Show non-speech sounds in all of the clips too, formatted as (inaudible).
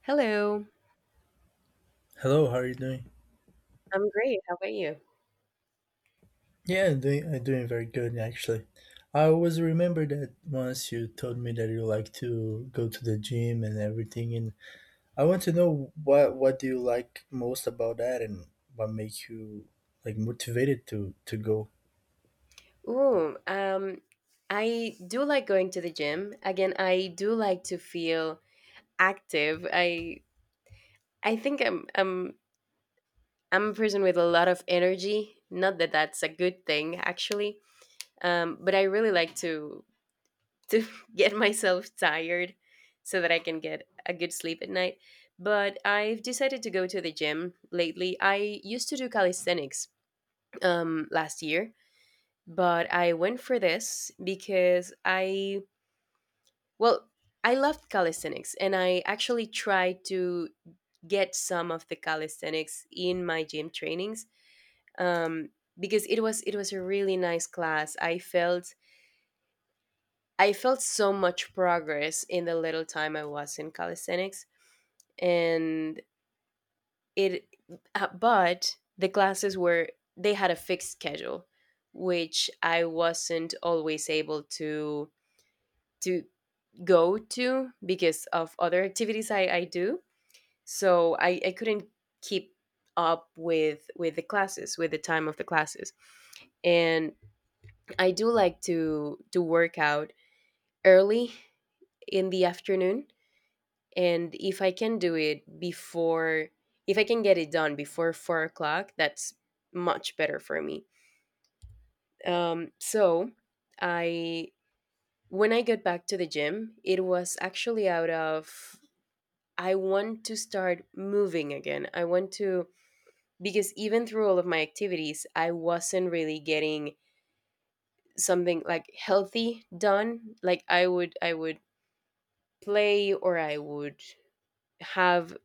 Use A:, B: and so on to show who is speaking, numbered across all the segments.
A: Hello,
B: Hello, how are you doing?
A: I'm great. How about you?
B: Yeah, I'm doing very good actually. I always remember that once you told me that you like to go to the gym and everything, and I want to know what do you like most about that, and what makes you like motivated to go.
A: Ooh, um, I do like going to the gym. Again, I do like to feel active. I think I'm I'm a person with a lot of energy. Not that that's a good thing, actually. But I really like to (laughs) get myself tired so that I can get a good sleep at night. But I've decided to go to the gym lately. I used to do calisthenics last year, but I went for this because well, I loved calisthenics and I actually tried to get some of the calisthenics in my gym trainings, um, because it was a really nice class. I felt so much progress in the little time I was in calisthenics. And it but the classes were, they had a fixed schedule which I wasn't always able to to go to because of other activities I do. So I couldn't keep up with the classes, with the time of the classes. And I do like to work out early in the afternoon. And if I can do it before if I can get it done before 4 o'clock, that's much better for me. So I when I got back to the gym, it was actually out of, I want to start moving again. Because even through all of my activities, I wasn't really getting something like healthy done. Like I would play or I would have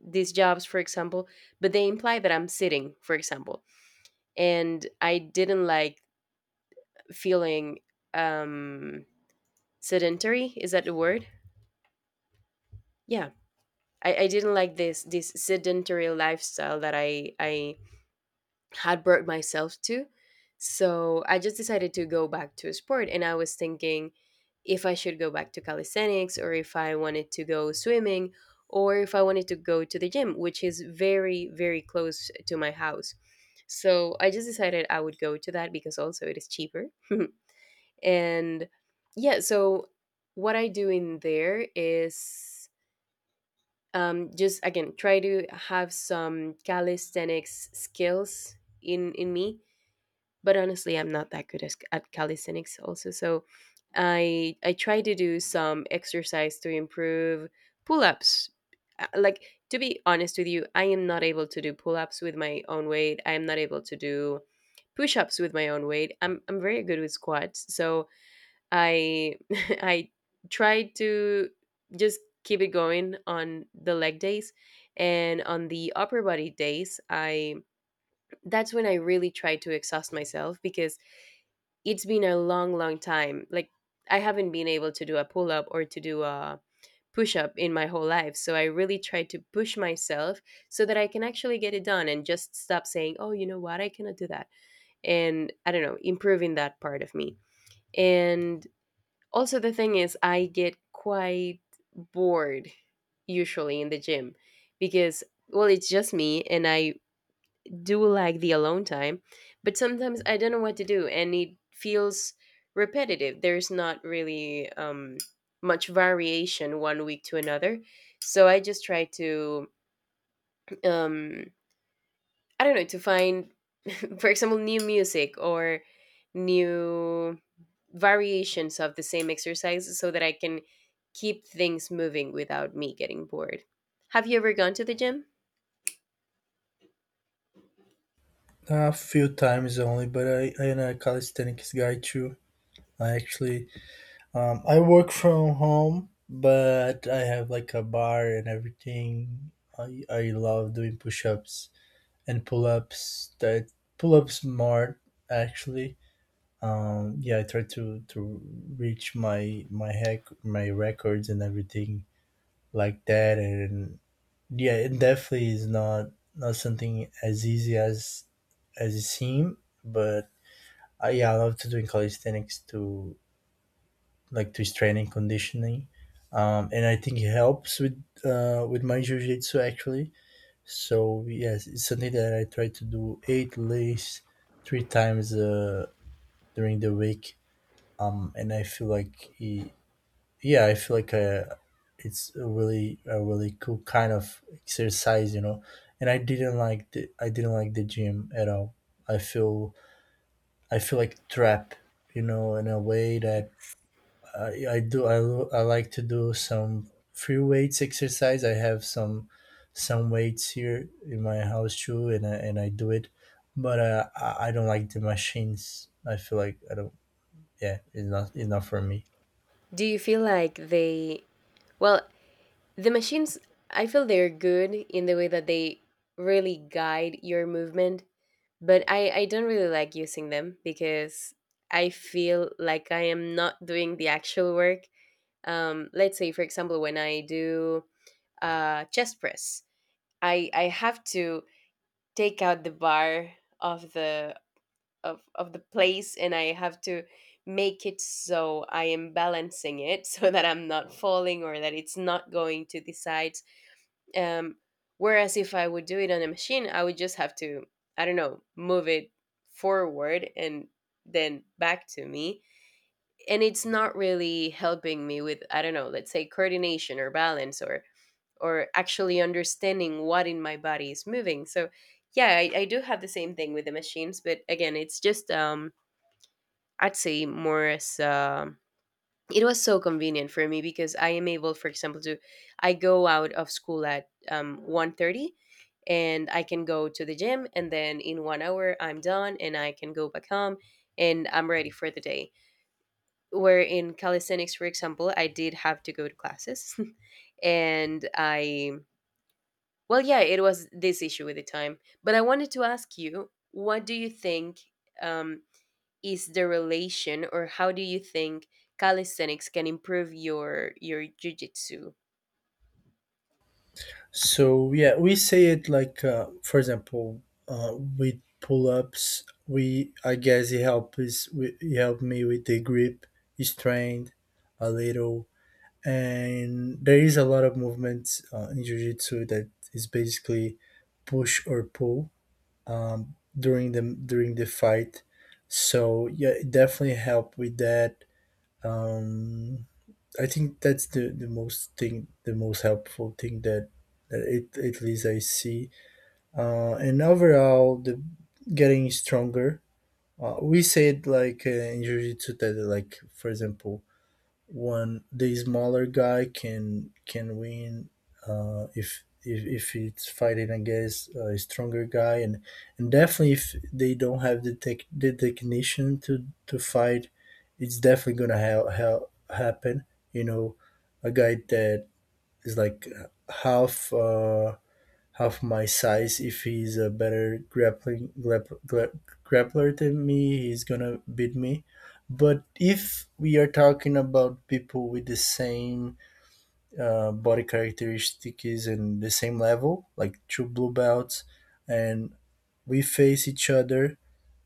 A: these jobs, for example, but they imply that I'm sitting, for example. And I didn't like feeling, um, sedentary. Is that the word? Yeah. I didn't like this sedentary lifestyle that I had brought myself to. So I just decided to go back to a sport. And I was thinking if I should go back to calisthenics, or if I wanted to go swimming, or if I wanted to go to the gym, which is very, very close to my house. So I just decided I would go to that because also it is cheaper. (laughs) And yeah, so what I do in there is, just again try to have some calisthenics skills in me, but honestly I'm not that good at calisthenics also, so I try to do some exercise to improve pull-ups. Like to be honest with you, I am not able to do pull-ups with my own weight, I am not able to do push-ups with my own weight. I'm very good with squats, so I (laughs) I try to just keep it going on the leg days, and on the upper body days I that's when I really try to exhaust myself because it's been a long time. Like I haven't been able to do a pull up or to do a push up in my whole life, so I really try to push myself so that I can actually get it done and just stop saying, oh, you know what, I cannot do that. And I don't know, improving that part of me. And also the thing is, I get quite bored usually in the gym, because, well, it's just me and I do like the alone time, but sometimes I don't know what to do and it feels repetitive. There's not really, much variation one week to another. So I just try to, um, I don't know, to find, (laughs) for example, new music or new variations of the same exercises so that I can keep things moving without me getting bored. Have you ever gone to the gym?
B: A few times only, but I am a calisthenics guy too. I actually I work from home, but I have like a bar and everything. I love doing push-ups and pull ups that pull ups more actually. Yeah, I try to reach my records and everything like that, and yeah, it definitely is not something as easy as it seems. But I, yeah, I love to doing calisthenics to like to strength and conditioning, and I think it helps with my jiu jitsu actually. So yes, it's something that I try to do eight lays three times during the week. And I feel like it, yeah, I feel like it's a really cool kind of exercise, you know. And I didn't like the gym at all. I feel I feel like trapped, you know, in a way that
A: Yes.
B: I, I like to do some free weights exercise. I have some weights here in my house too, and I do it, but I don't like the machines. I feel like I don't. Yeah, it's not for me.
A: Do you feel like well, the machines, I feel they're good in the way that they really guide your movement, but I don't really like using them because I feel like I am not doing the actual work. Let's say, for example, when I do chest press, I have to take out the bar of the of the place, and I have to make it so I am balancing it (laughs) so that I'm not falling or that it's not going to the side, um, whereas if I would do it on a machine, I would just have to, I don't know, move it forward and then back to me. And it's not really helping me with, I don't know, let's say coordination or balance, or actually understanding what in my body is moving. So yeah, I do have the same thing with the machines, but again, it's just I'd say more as, it was so convenient for me because I am able, for example, to, I go out of school at 1:30, and I can go to the gym and then in 1 hour I'm done and I can go back home and I'm ready for the day. Where in calisthenics, for example, I did have to go to classes (laughs) and I well yeah, it was this issue with the time. But I wanted to ask you, what do you think, um, is the relation, or how do you think calisthenics can improve your jiu-jitsu?
B: So yeah, we say it like for example, with pull ups. We I guess it helps. It helped me with the grip, strength, a little, and there is a lot of movement in jiu-jitsu that is basically push or pull, during the fight, so yeah it definitely help with that. um, I think that's the most thing, the most helpful thing that, that it, at least I see. And overall the getting stronger. We said like in jiu-jitsu that like for example one the smaller guy can win if if it's fighting against a stronger guy, and definitely if they don't have the technician to fight, it's definitely gonna happen. You know, a guy that is like half. Half my size. If he's a better grappler than me, he's gonna beat me. But if we are talking about people with the same body characteristics and the same level, like two blue belts, and we face each other,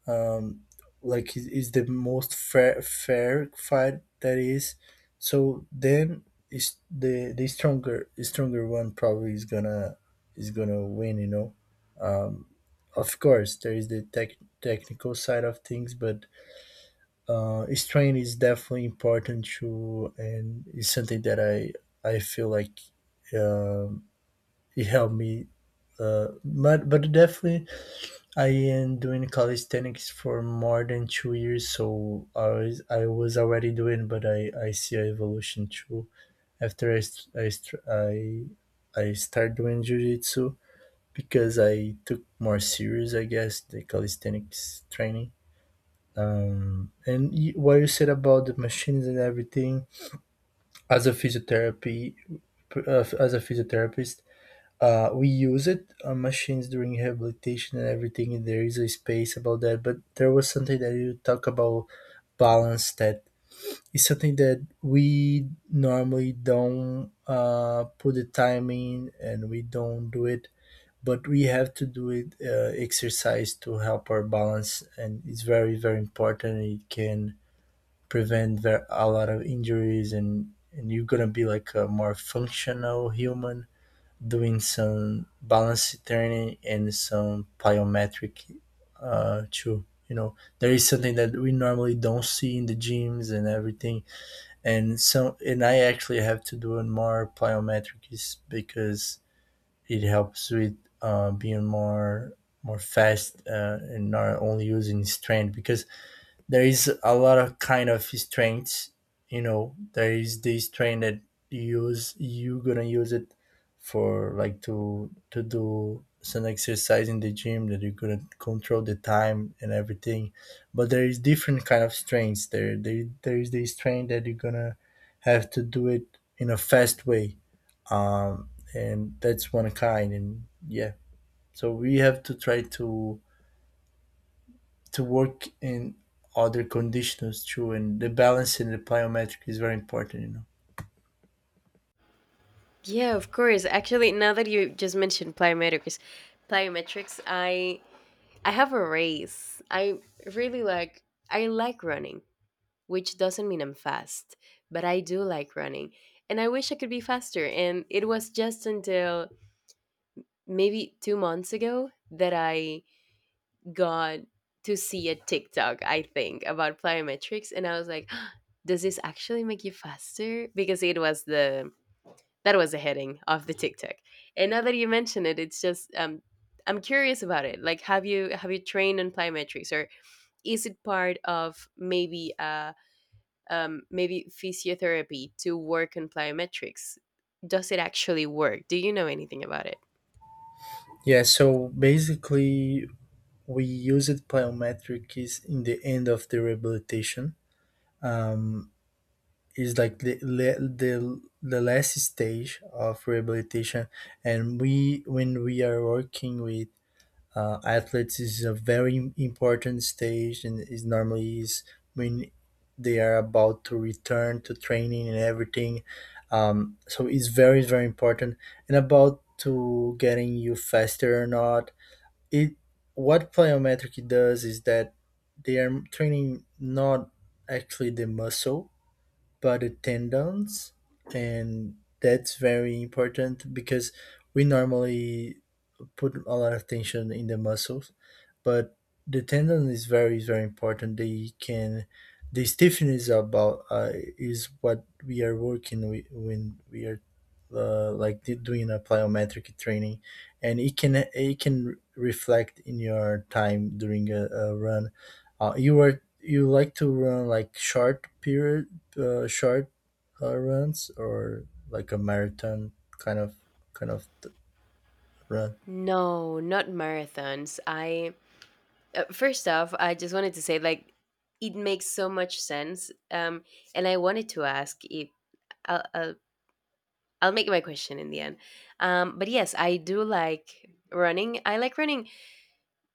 B: um, like is the most fair fight that is, so then is the stronger one probably is gonna win, you know. um of course there is the technical side of things, but strength is definitely important too, and it's something that I feel like, um it helped me but definitely I am doing calisthenics for more than 2 years, so I was already doing, but I see a evolution too. After I start doing jiu-jitsu because I took more serious, I guess, the calisthenics training. And what you said about the machines and everything, as a physiotherapy, as a physiotherapist, we use it on machines during rehabilitation and everything, and there is a space about that. But there was something that you talk about balance, that is something that we normally don't put the time in and we don't do it, but we have to do it exercise to help our balance, and it's very, very important. It can prevent a lot of injuries, and you're gonna be like a more functional human doing some balance training and some plyometric too. You know, there is something that we normally don't see in the gyms and everything. And so, and I actually have to do more plyometrics because it helps with being more fast, and not only using strength, because there is a lot of kind of strengths, you know. There is this train that you gonna use it for like to do some exercise in the gym that you gonna control the time and everything, but there is different kind of strains. There is this strain that you're gonna have to do it in a fast way. um and that's one kind. And yeah, so we have to try to work in other conditions too, and the balance in the plyometric is very important, you know.
A: Yeah, of course. Actually, now that you just mentioned plyometrics, plyometrics i I have a race, I really like, I like running, which doesn't mean I'm fast, but I do like running, and I wish I could be faster. And it was just until maybe 2 months ago that I got to see a TikTok, I think, about plyometrics, and I was like, (gasps) "Does this actually make you faster?" Because it was the that was the heading of the TikTok. And now that you mention it, it's just, I'm curious about it. Like, have you trained on plyometrics, or is it part of maybe maybe physiotherapy to work on plyometrics? Does it actually work? Do you know anything about it?
B: Yeah, so basically we use it, plyometric is in the end of the rehabilitation. Mm, is like the, le- the last stage of rehabilitation, and we, when we are working with athletes, is a very important stage, and is normally is when they are about to return to training and everything. So it's very very important. And about to getting you faster or not, it what plyometric does is that they are training not actually the muscle but the tendons, and that's very important because we normally put a lot of tension in the muscles, but the tendon is very important. They can the stiffness about, is what we are working with when we are like doing a plyometric training, and it can, it can reflect in your time during a run. You are, you like to run like short period, short runs, or like a marathon kind of kind of run?
A: No, not marathons. I First off, I just wanted to say like it makes so much sense. And I wanted to ask if I'll, I'll I'll make my question in the end. But yes, I do like running. I like running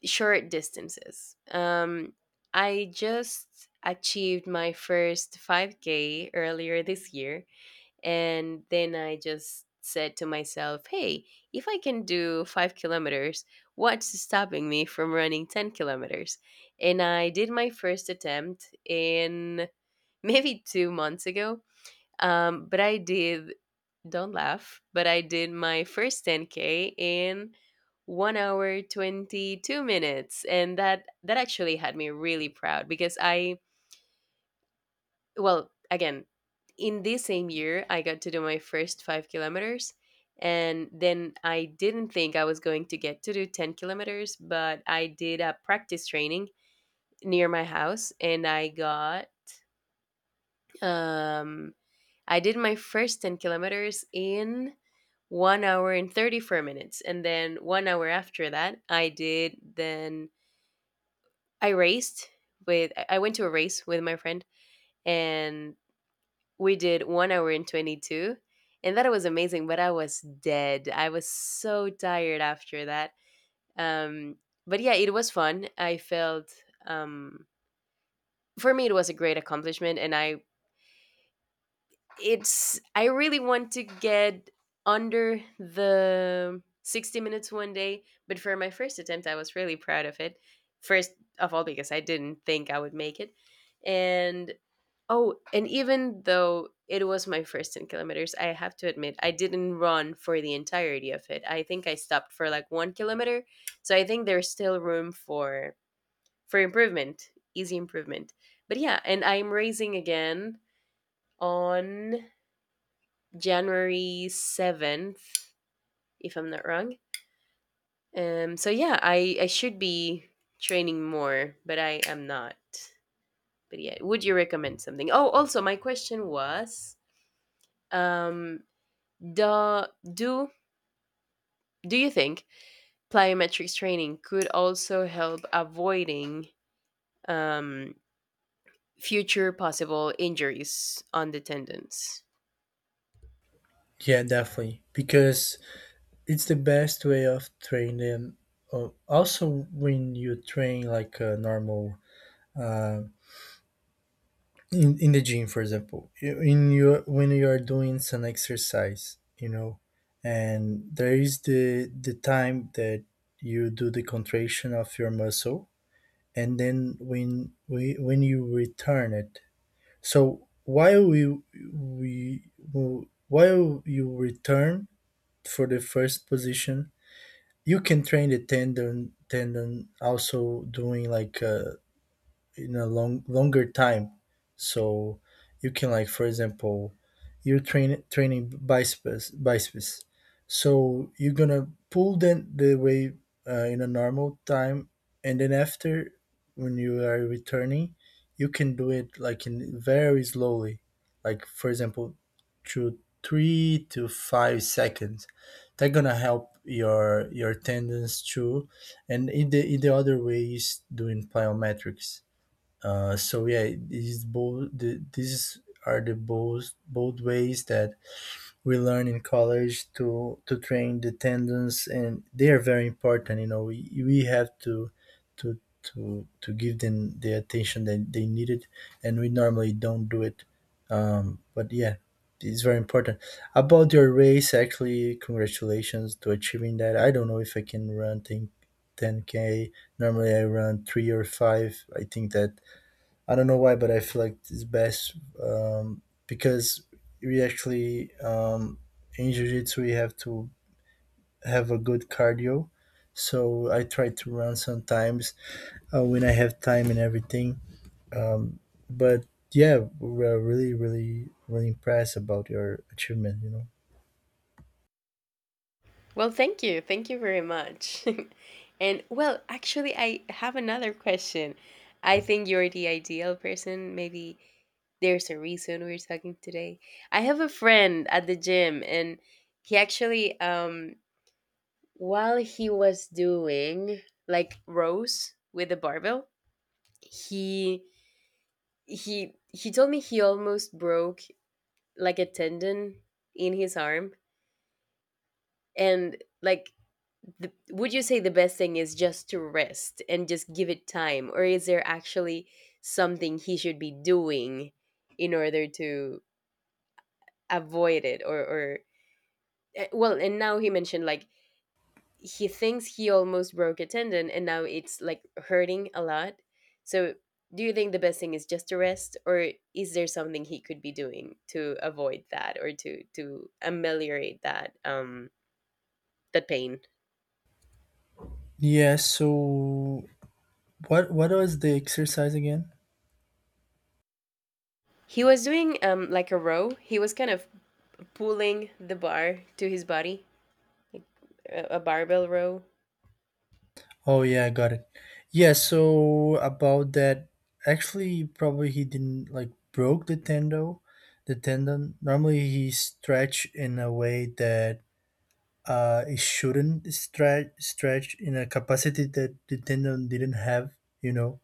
A: short distances. I just achieved my first 5k earlier this year, and then I just said to myself, hey, if I can do 5 kilometers, what's stopping me from running 10 kilometers? And I did my first attempt in (laughs) maybe 2 months ago. Um, but I did, don't laugh, but I did my first 10K in 1 hour 22 minutes, and that actually had me really proud because, I well again, in this same year I got to do my first 5 kilometers, and then I didn't think I was going to get to do 10 kilometers, but I did a practice training near my house and um I did my first 10 kilometers in 1 hour and 34 minutes, and then 1 hour after that I did then I raced with I went to a race with my friend, and we did 1 hour and 22, and that was amazing, but I was dead. I was so tired after that. Um, but yeah, it was fun. I felt, um, for me, it was a great accomplishment, and I really want to get under the 60 minutes one day, but for my first attempt, I was really proud of it. First of all, because I didn't think I would make it. And Oh, and even though it was my first 10 kilometers, I have to admit, I didn't run for the entirety of it. I think I stopped for like 1 kilometer. So I think there's still room for improvement, easy improvement. But yeah, and I'm racing again on January 7th, if I'm not wrong. So yeah, I should be training more, but I am not. But yeah, would you recommend something? Oh, also my question was, um Do, do, do you think plyometrics training could also help avoiding, um, future possible injuries on the tendons?
B: Yeah, definitely, because it's the best way of training. Also, when you train like a normal uh, in the gym, for example, in your, when you are doing some exercise, you know, and there is the time that you do the contraction of your muscle, and then when you return it. So while we while you return for the first position, you can train the tendon also doing like in a longer time. So you can, like for example, you're training biceps, so you're gonna pull them the way in a normal time, and then after, when you are returning, you can do it like in very slowly, like for example through 3 to 5 seconds. That gonna help your tendons too. And in the, in the other way, is doing plyometrics. So yeah, these both, these are the both ways that we learn in college to train the tendons, and they are very important. You know, we have to to give them the attention that they needed, and we normally don't do it. But yeah, it's very important. About your race, actually, congratulations to achieving that. I don't know if I can run 10K. Normally, I run three or five. I think that I don't know why, but I feel like it's best, um, because we actually in jiu-jitsu we have to have a good cardio. So I try to run sometimes when I have time and everything. Um, but yeah, we're really, really, really impressed about your achievement, you know.
A: Well, thank you. Thank you very much. (laughs) And well, actually, I have another question. I think you're the ideal person. Maybe there's a reason we're talking today. I have a friend at the gym, and he actually, while he was doing like rows with a barbell, he he told me he almost broke like a tendon in his arm, and like would you say the best thing is just to rest and just give it time, or is there actually something he should be doing in order to avoid it, or and now he mentioned like he thinks he almost broke a tendon and now it's like hurting a lot. So, do you think the best thing is just to rest, or is there something he could be doing to avoid that or to ameliorate that that pain?
B: Yeah. So what was the exercise again?
A: He was doing like a row. He was kind of pulling the bar to his body, like a barbell row.
B: Oh yeah, I got it. Yeah, so about that, actually, probably he didn't like broke the tendo, the tendon. Normally, he stretch in a way that it shouldn't stretch in a capacity that the tendon didn't have. You know,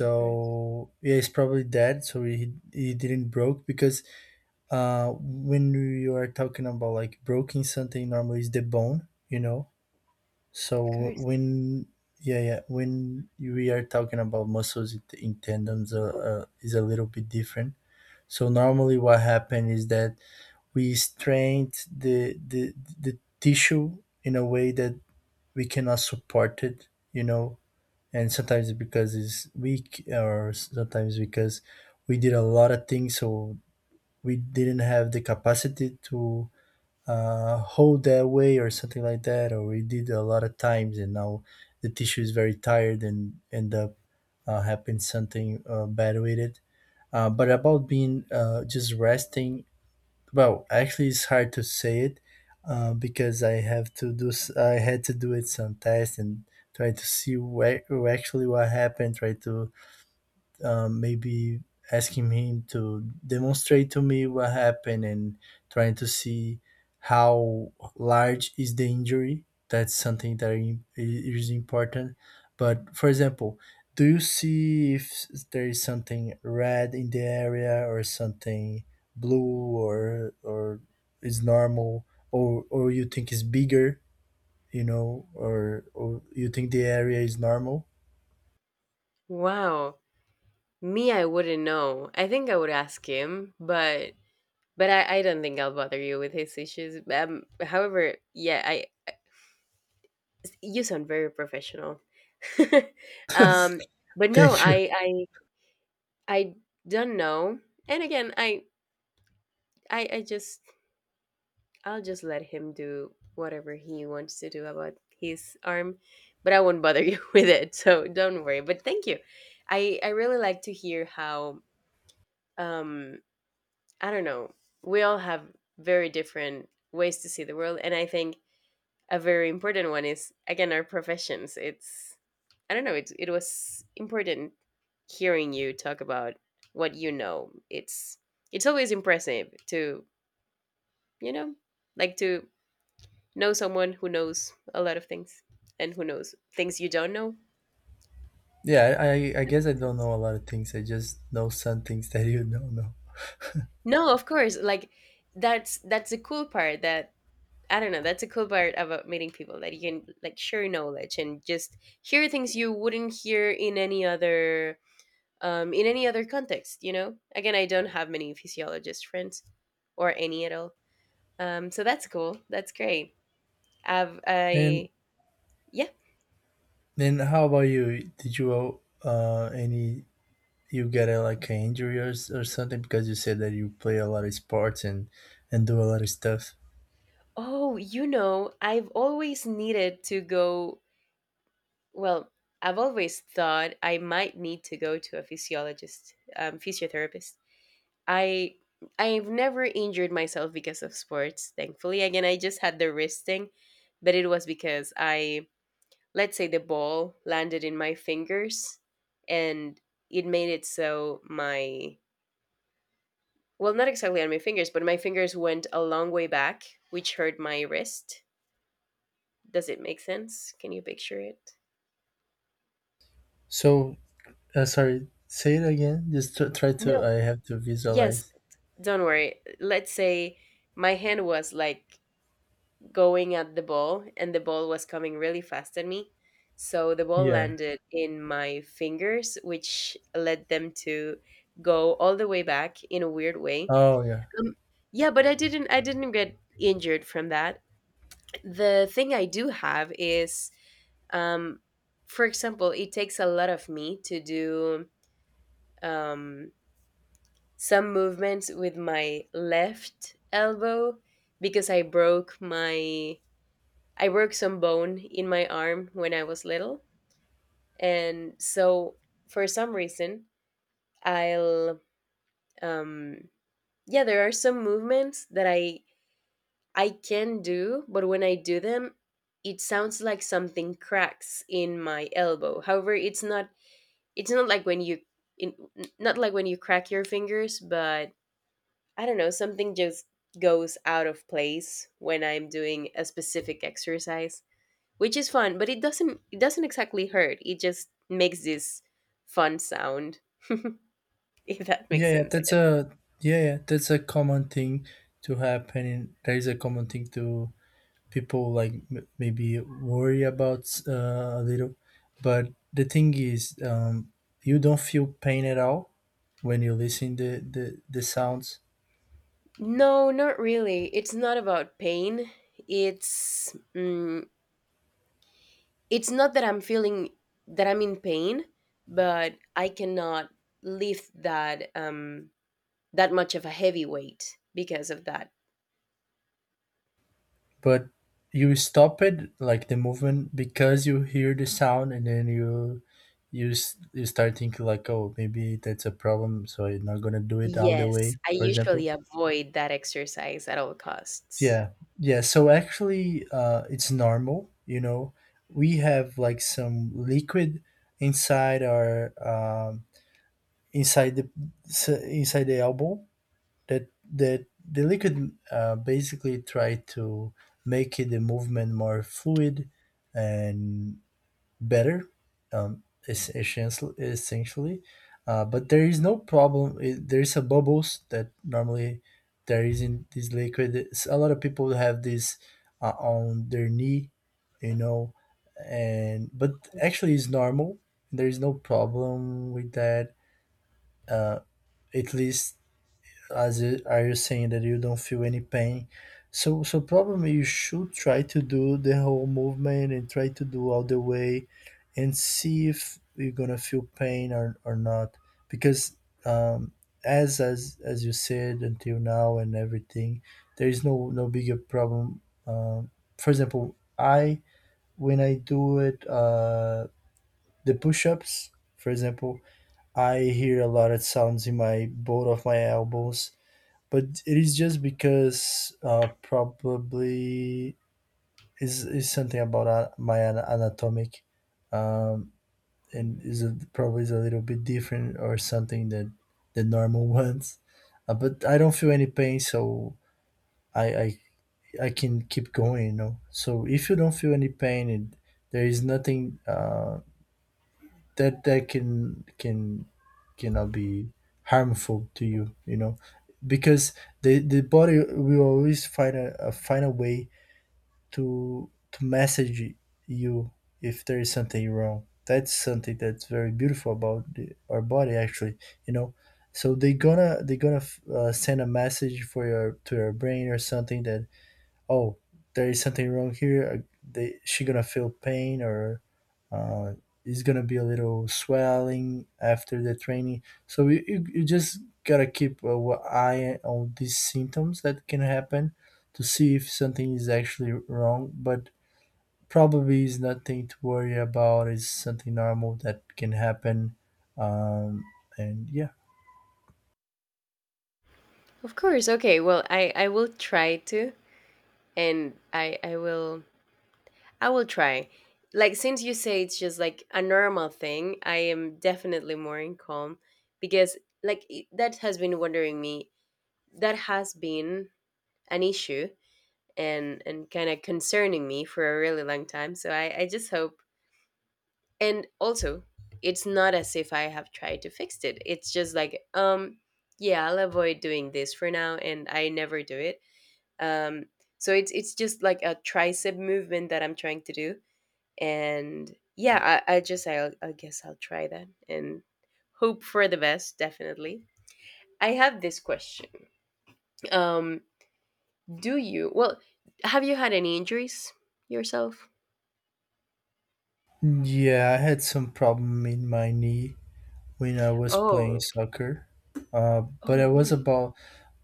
A: Of course,
B: yeah, it's probably that. So he didn't broke, because when you are talking about like breaking something, normally is the bone. You know,
A: of
B: so
A: course.
B: when yeah, yeah, when we are talking about muscles in tendons, is a little bit different. So normally what happens is that we strain the, the the tissue in a way that we cannot support it, you know, and sometimes because it's weak, or sometimes because we did a lot of things, so we didn't have the capacity to hold that way or something like that, or we did a lot of times and now the tissue is very tired and end up happen something bad with it. But about being just resting, well actually it's hard to say it. Because I have to do I had to do it some tests and try to see where, actually, what happened. Try to maybe asking him to demonstrate to me what happened, and trying to see how large is the injury. That's something that is important. But for example, do you see if there is something red in the area, or something blue, or is normal, or you think is bigger, you know, or you think the area is normal?
A: Wow. Me, I wouldn't know. I think I would ask him, but But I don't think I'll bother you with his issues. However, yeah, I you sound very professional. (laughs)
B: (laughs)
A: um, but no,
B: Thank you.
A: I don't know. And again, I just I'll just let him do whatever he wants to do about his arm, but I won't bother (laughs) you with it. So don't worry. But thank you. I really like to hear how um I don't know. We all have very different ways to see the world, and I think a very important one is again our professions. It's I don't know. It was important hearing you talk about what you know. It's always impressive to you know like to know someone who knows a lot of things and who knows things you don't know.
B: Yeah, I
A: Does it
B: guess I
A: make
B: don't
A: sense?
B: know a lot of things. I just know some things that (laughs) you don't know.
A: No, of course. Like that's the cool part. That I don't know. That's a cool part about meeting people that you can like share knowledge and just hear things you wouldn't hear in any other context, you know? Again, I don't have many physiologist friends or any at all. So that's cool. That's great. I've,
B: And
A: I, yeah.
B: then how about you? Did you any you get a, like an injury or or something because you said that you play a lot of sports and do a lot of stuff.
A: Oh, you know, I've always needed to go, well, I've always thought I might need to go to a physiologist, physiotherapist. I, I've never injured myself because of sports, thankfully. Again, I just had the wrist thing, but it was because I let's say the ball landed in my fingers and it made it so my well not exactly on my fingers but my fingers went a long way back which hurt my wrist. Does it make sense? Can you picture it?
B: So sorry, say it again. Just try to.
A: No,
B: I have to
A: yes,
B: visualize.
A: don't worry. Let's say my hand was like going at the ball and the ball was coming really fast at me, so the ball
B: Yeah.
A: landed in my fingers which led them to go all the way back in a weird way.
B: Oh yeah.
A: Um, yeah, but I didn't get injured from that. The thing I do have is um for example, it takes a lot of me to do um some movements with my left elbow because I broke my I broke some bone in my arm when I was little. And so for some reason, I'll um yeah, there are some movements that I can do, but when I do them, it sounds like something cracks in my elbow. However, it's not like when you in, not like when you crack your fingers, but I don't know, something just goes out of place when I'm doing a specific exercise, which is fun, but it doesn't exactly hurt. It just makes this fun sound, (laughs) if that makes
B: Yeah, yeah.
A: sense, I
B: That's
A: guess.
B: a yeah, yeah. That's a common thing to happen. That is a common thing to people like maybe worry about a little, but the thing is, you don't feel pain at all when you listen the sounds,
A: No, not really. It's not about pain. It's mm, it's not that I'm feeling that I'm in pain but I cannot lift that that much of a heavy weight because of that.
B: but you stop it, like, the movement because you hear the sound, and then you start thinking like, oh, maybe that's a problem, so I'm not gonna do it all the
A: Yes,
B: way,
A: I
B: for example.
A: usually avoid that exercise at all costs.
B: Yeah, yeah. So actually, it's normal. You know, we have like some liquid inside our inside the inside the elbow, that that the liquid basically try to make it, the movement, more fluid and better, essentially. But there is no problem. It, there is a bubbles that normally there is in this liquid. It's, a lot of people have this on their knee, you know. And but
A: Oh,
B: actually it's normal, there is no problem with that, uh, at least as you saying that you don't feel any pain. So so probably you should try to do the whole movement and try to do all the way and see if you're gonna feel pain or not, because, um as as you said until now, and everything, there is no bigger problem. um for example, I, when I do it, the push-ups, for example, I hear a lot of sounds in my both of my elbows, but it is just because, probably, is something about, my anatomic, um,
A: yeah.
B: and is
A: Mm.
B: a, probably is a little bit different or something than the normal (laughs) ones. But I don't feel any pain. So I I can keep going, you know. So if you don't feel any pain, and there is nothing, that that cannot be harmful to you, you know, because the body will always find a find a way to message you if there is something wrong. That's something that's very beautiful about the, our body, actually, you know. So they gonna, send a message for your to your brain or something that, oh, there is something wrong here. They, she gonna feel pain, or uh, is gonna be a little swelling after the training. So you just gotta keep, eye on these symptoms that can happen, to see if something is actually wrong. But probably is nothing to worry about. It's something normal that can happen. Um, and yeah.
A: Of course. Okay, well i will try to and i will I will try, like since you say it's just like a normal thing I am definitely more in calm because that has been wondering me, that has been an issue and kind of concerning me for a really long time. So I just hope, and also it's not as if I have tried to fix it. It's just like, yeah, I'll avoid doing this for now and I never do it. Um so it's just like a tricep movement that I'm trying to do. And yeah, I guess I'll try that and hope for the best, definitely. I have this question. Um Do you? Well, have you had any injuries yourself?
B: Yeah, I had some problem in my knee when I was playing
A: Oh.
B: soccer.
A: Oh,
B: But it was
A: really?
B: about,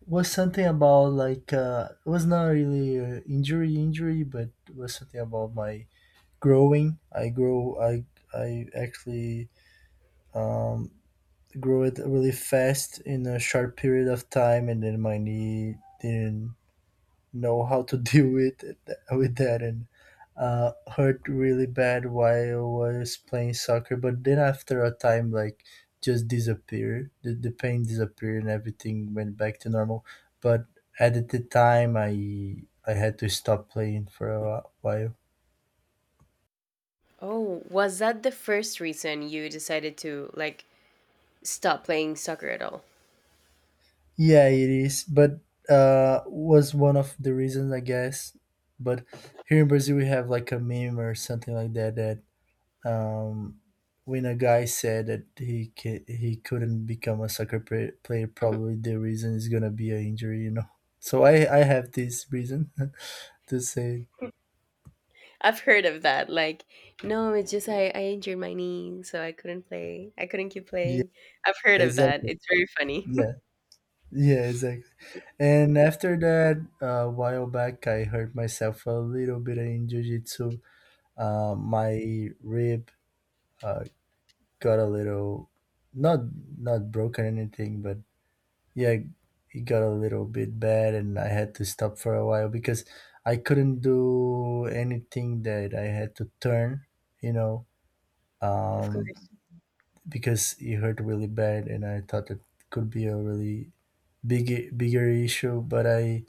B: was something about like, it was not really a injury injury, but it was something about my growing. I grow. I actually, um, grow it really fast in a short period of time, and then my knee didn't know how to (laughs) deal with it, with that, and hurt really bad while I was playing soccer. But then after a time, like, just disappeared. The pain disappeared and everything went back to normal. But at the time, I had to stop playing for a while.
A: Oh, was that the first reason you decided to like stop playing soccer at all?
B: Yeah, it is. But was one of the reasons, I guess. But here in Brazil, we have like a meme or something like that that, Um, when a guy said that he couldn't become a soccer player,
A: (laughs)
B: probably the reason is gonna be an injury, you know. So I have this reason (laughs) to say.
A: I've heard of that. Like, no, it's just I injured my knee, so I couldn't play. I couldn't keep
B: Yeah,
A: playing. I've heard of that.
B: exactly.
A: It's very funny. (laughs)
B: Yeah. Yeah, exactly. And after that, a while back, I hurt myself a little bit in jiu-jitsu. My rib, uh, got a little, not not broken or anything, but yeah, it got a little bit bad, and I had to stop for a while because I couldn't do anything that I had to turn, you know.
A: Of
B: um,
A: course.
B: because it hurt really bad, and I thought it could be a really bigger issue, but I,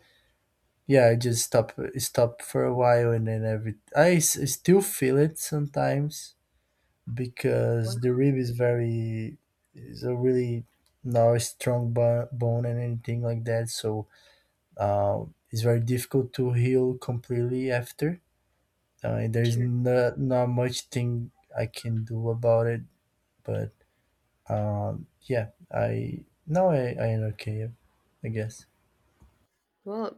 B: yeah, I just stopped for a while. And then every I still feel it sometimes
A: Wow.
B: because the rib is very, is a really, not a strong bone and anything like that. So Uh, it's very difficult to heal completely after. There's
A: Sure.
B: not much thing I can do about it, but yeah, I now I am okay, I guess.
A: Well,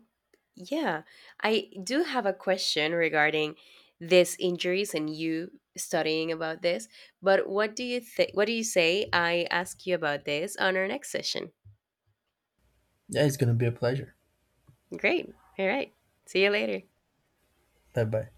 A: yeah, I do have a question regarding these injuries and you studying about this. But what do you think? What do you say? I ask you about this on our next session.
B: Yeah, it's gonna be a pleasure.
A: Great. All right. See you later.
B: Bye bye.